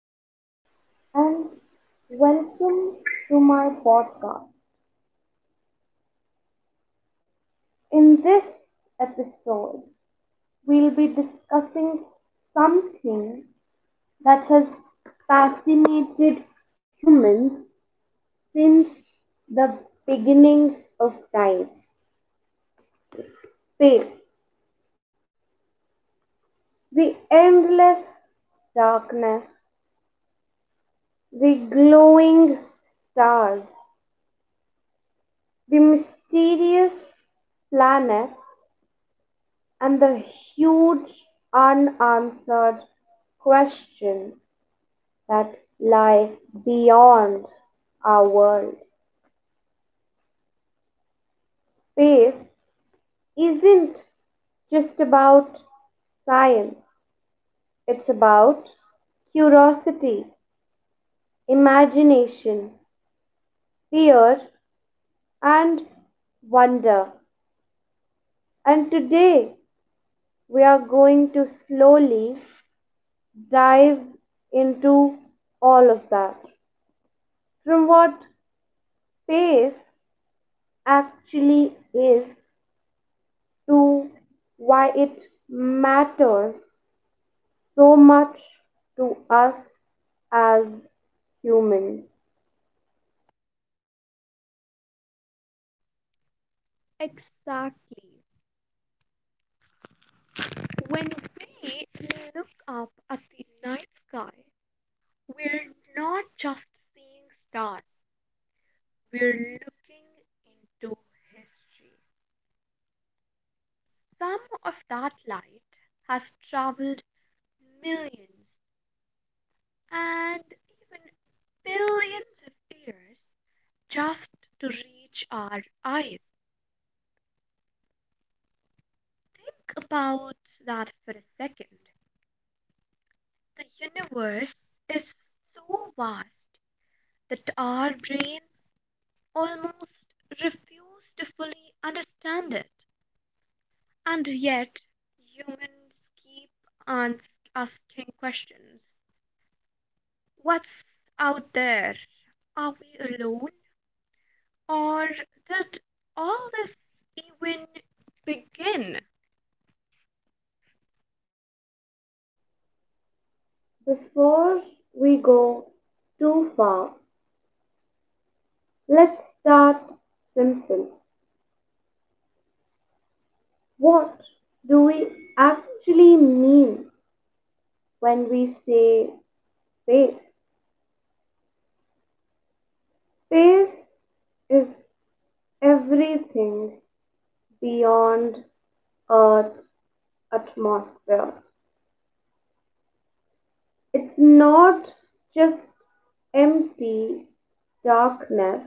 Hello and welcome to my podcast. In this episode, we'll be discussing something that has fascinated humans since the beginning of time space, the endless darkness, the glowing stars, the mysterious planets and the huge unanswered questions that lie beyond our world. Space isn't just about science, it's about curiosity, imagination, fear, and wonder. And today we are going to slowly dive into all of that. From what space actually is to why it matters so much to us as humans. Exactly. When we look up at the night sky, we're not just seeing stars, we're looking into history. Some of that light has traveled millions and even billions of years just to reach our eyes. Think about that for a second. The universe is so vast that our brains almost refuse to fully understand it. And yet, humans keep asking questions. What's out there? Are we alone? Or did all this even begin? Before we go too far, let's start simple. What do we actually mean when we say space? Space is everything beyond Earth's atmosphere. It's not just empty darkness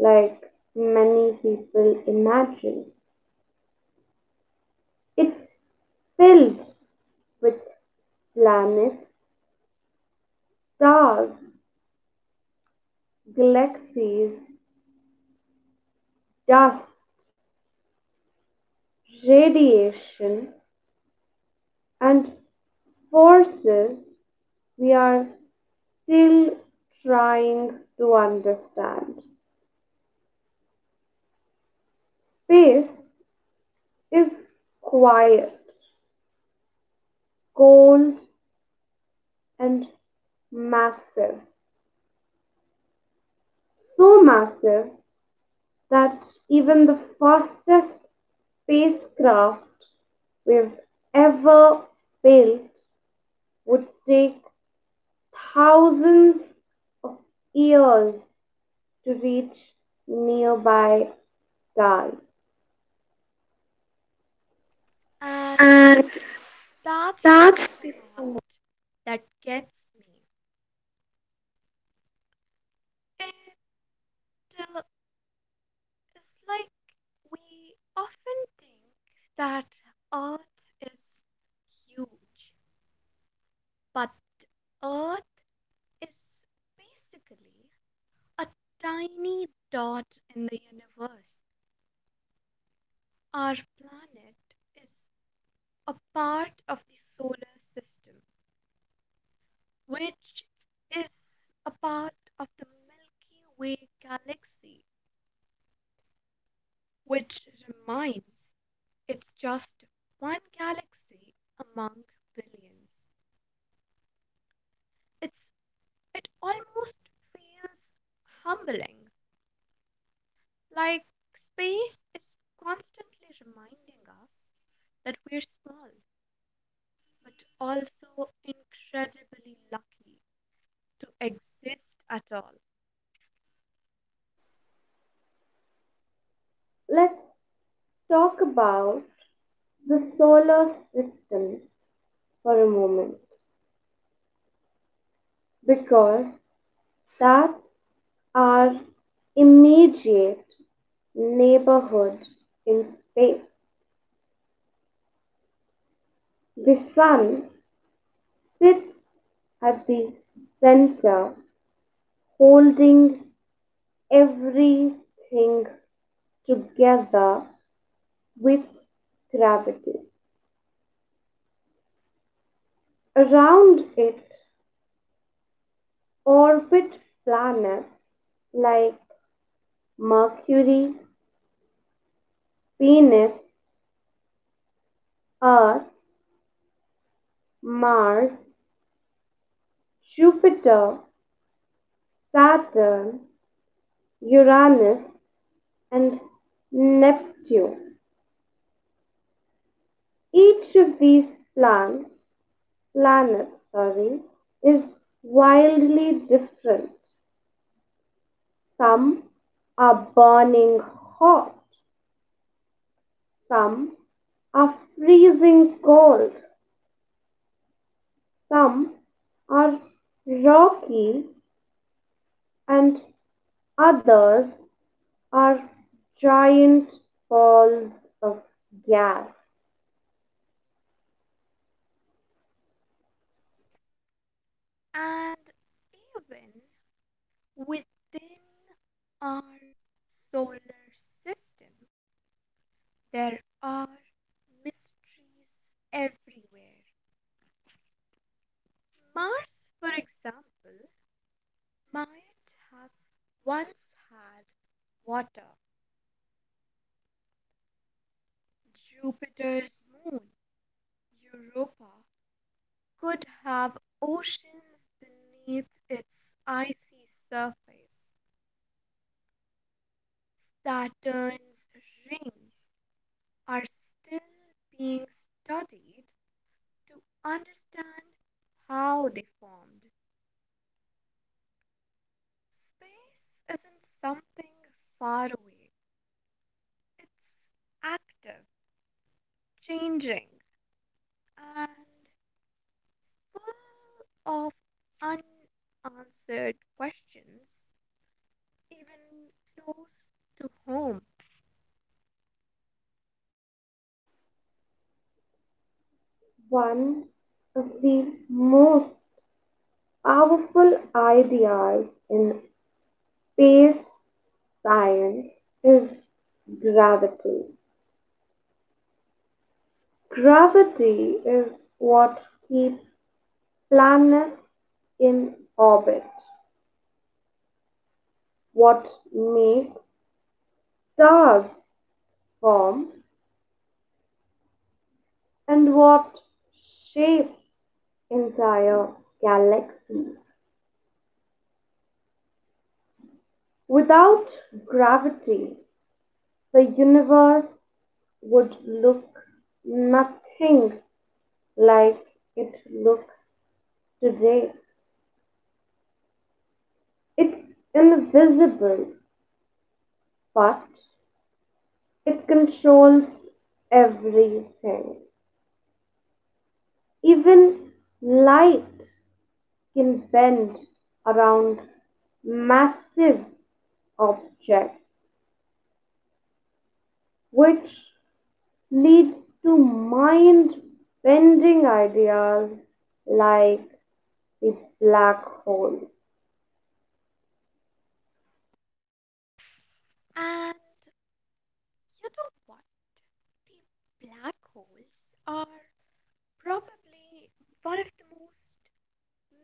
like many people imagine. It's filled with planets, stars, galaxies, dust, radiation, and forces we are still trying to understand. Space is quiet, cold, and massive. So massive that even the fastest spacecraft we've ever built would take thousands of years to reach nearby stars. And And that's that's the part that gets me. It uh, It's like we often think that Earth is huge, but Earth is basically a tiny dot in the universe. Our planet is a part of the solar system, which is a part of the Milky Way galaxy, which reminds it's just one galaxy among billions. it's it almost feels humbling, like space is constantly reminding us that we're small but also incredibly lucky to exist at all. Let's talk about the solar system for a moment because that our immediate neighborhood in space. The sun sits at the center, holding everything together with gravity. Around it orbit planets like Mercury, Venus, Earth, Mars, Jupiter, Saturn, Uranus, and Neptune. Each of these plants, planets, is wildly different. Some are burning hot, some are freezing cold, some are rocky, and others are giant balls of gas. And even within our solar system there are mysteries everywhere. Mars, for example, might have once had water. Jupiter's moon, Europa, could have oceans beneath its icy surface. Saturn's rings are still being studied to understand how they formed. Space isn't something far away, it's active, changing, and full of unanswered questions, even close to home. One of the most powerful ideas in space science is gravity. Gravity is what keeps planets in orbit, what makes stars form, and what shapes entire galaxies. Without gravity, the universe would look nothing like it looks today. It's invisible, but it controls everything. Even light can bend around massive objects, which leads to mind bending ideas like the black hole. And you know what? The black holes are probably one of the most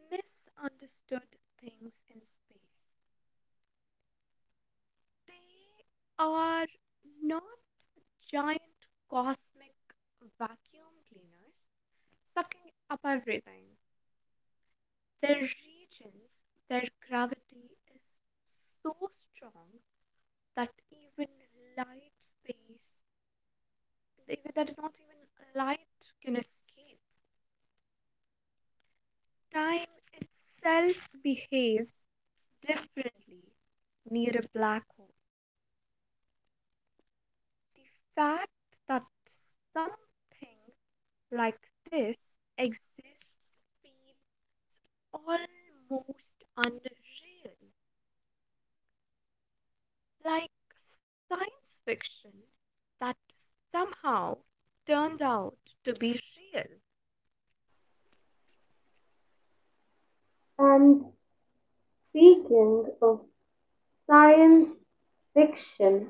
misunderstood things in space. They are not giant cosmic vacuum cleaners sucking up everything. There are regions their gravity is so strong that even light space, even that not even light can escape. Time itself behaves differently near a black hole. The fact that something like this exists feels almost unreal. Like science fiction that somehow turned out to be real. And speaking of science fiction,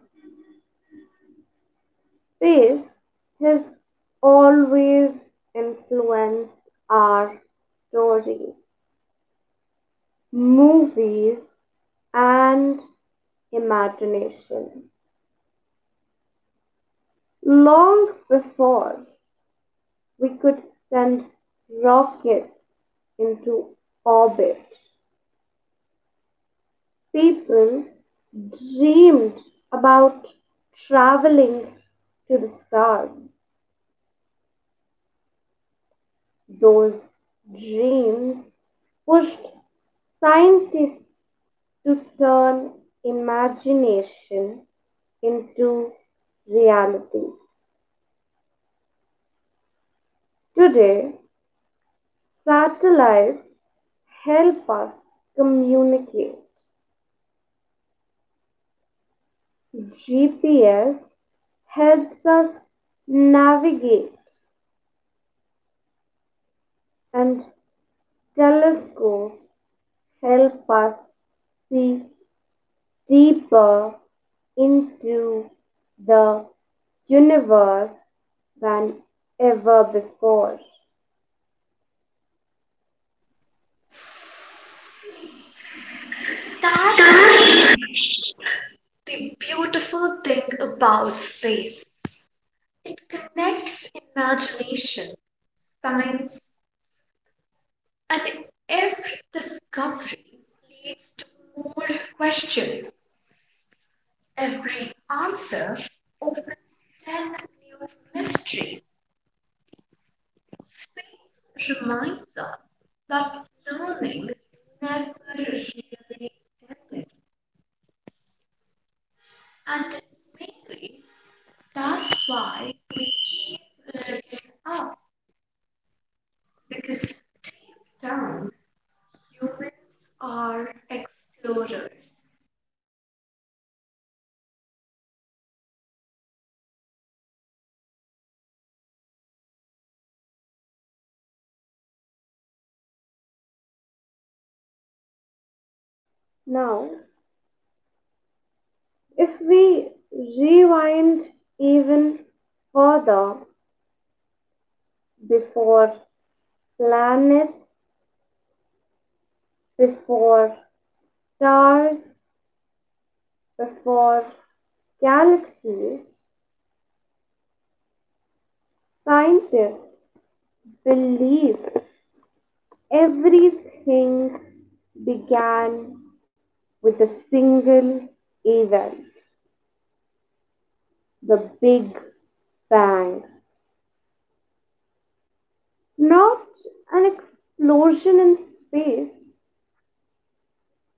space has always influenced our stories, movies, and imagination long before we could send rockets into orbit. People dreamed about traveling to the stars. Those dreams pushed scientists to turn imagination into reality. Today, satellites help us communicate. GPS helps us navigate and telescopes help us see deeper into the universe than ever before. That's the beautiful thing about space. It connects imagination, science, and every discovery leads to more questions. Every answer opens 10 new mysteries. Space reminds us that learning never really ended. And maybe that's why keep looking up, because deep down, humans are explorers. Now, if we rewind even further before planets, before stars, before galaxies, scientists believed everything began with a single event the Big Bang. Not an explosion in space,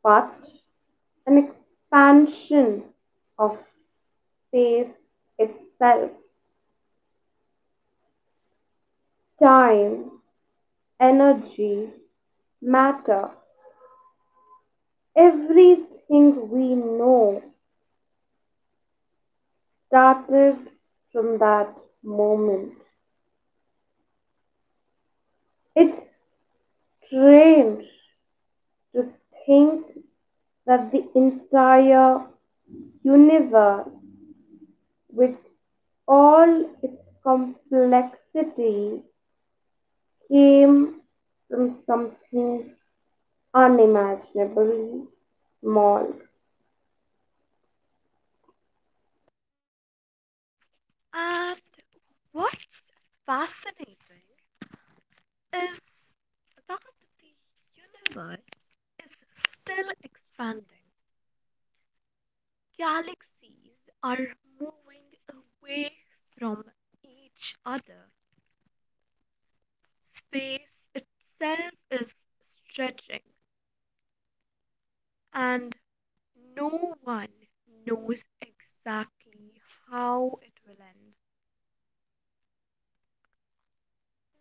but an expansion of space itself. Time, energy, matter, everything we know started from that moment. It's strange to think that the entire universe, with all its complexity, came from something unimaginably small. And what's fascinating is that the universe is still expanding. Galaxies are moving away from each other. Space itself is stretching, and no one knows exactly how it will end.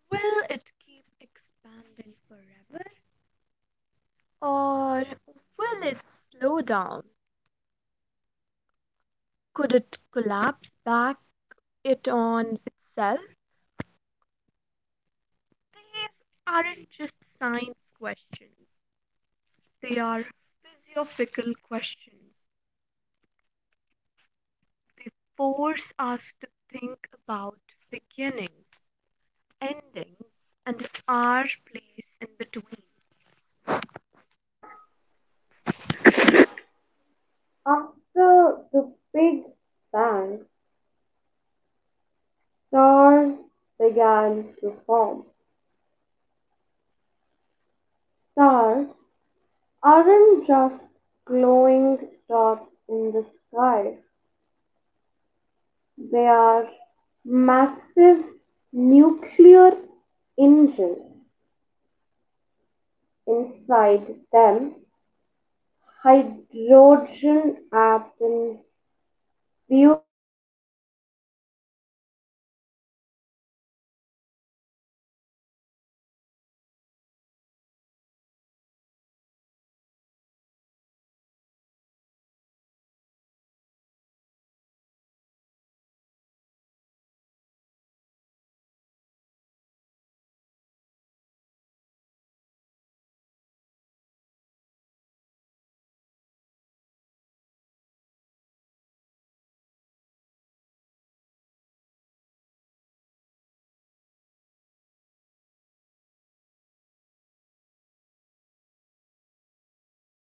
Will it keep expanding forever, or will it slow down? Could it collapse back it on itself? These aren't just science questions. They are philosophical questions. They force us to think about beginnings, endings, and our place in between. After the Big Bang, stars began to form. Stars aren't just glowing dots in the sky. They are massive nuclear engines, inside them hydrogen atoms fuse into helium, releasing enormous amounts of energy. This process light. Yes. Upload to हो ही नहीं जाते हो जाए ना दिमाग खराब हो गया तेरा। अरे यार कहाँ पड़ा तेरे को बताओ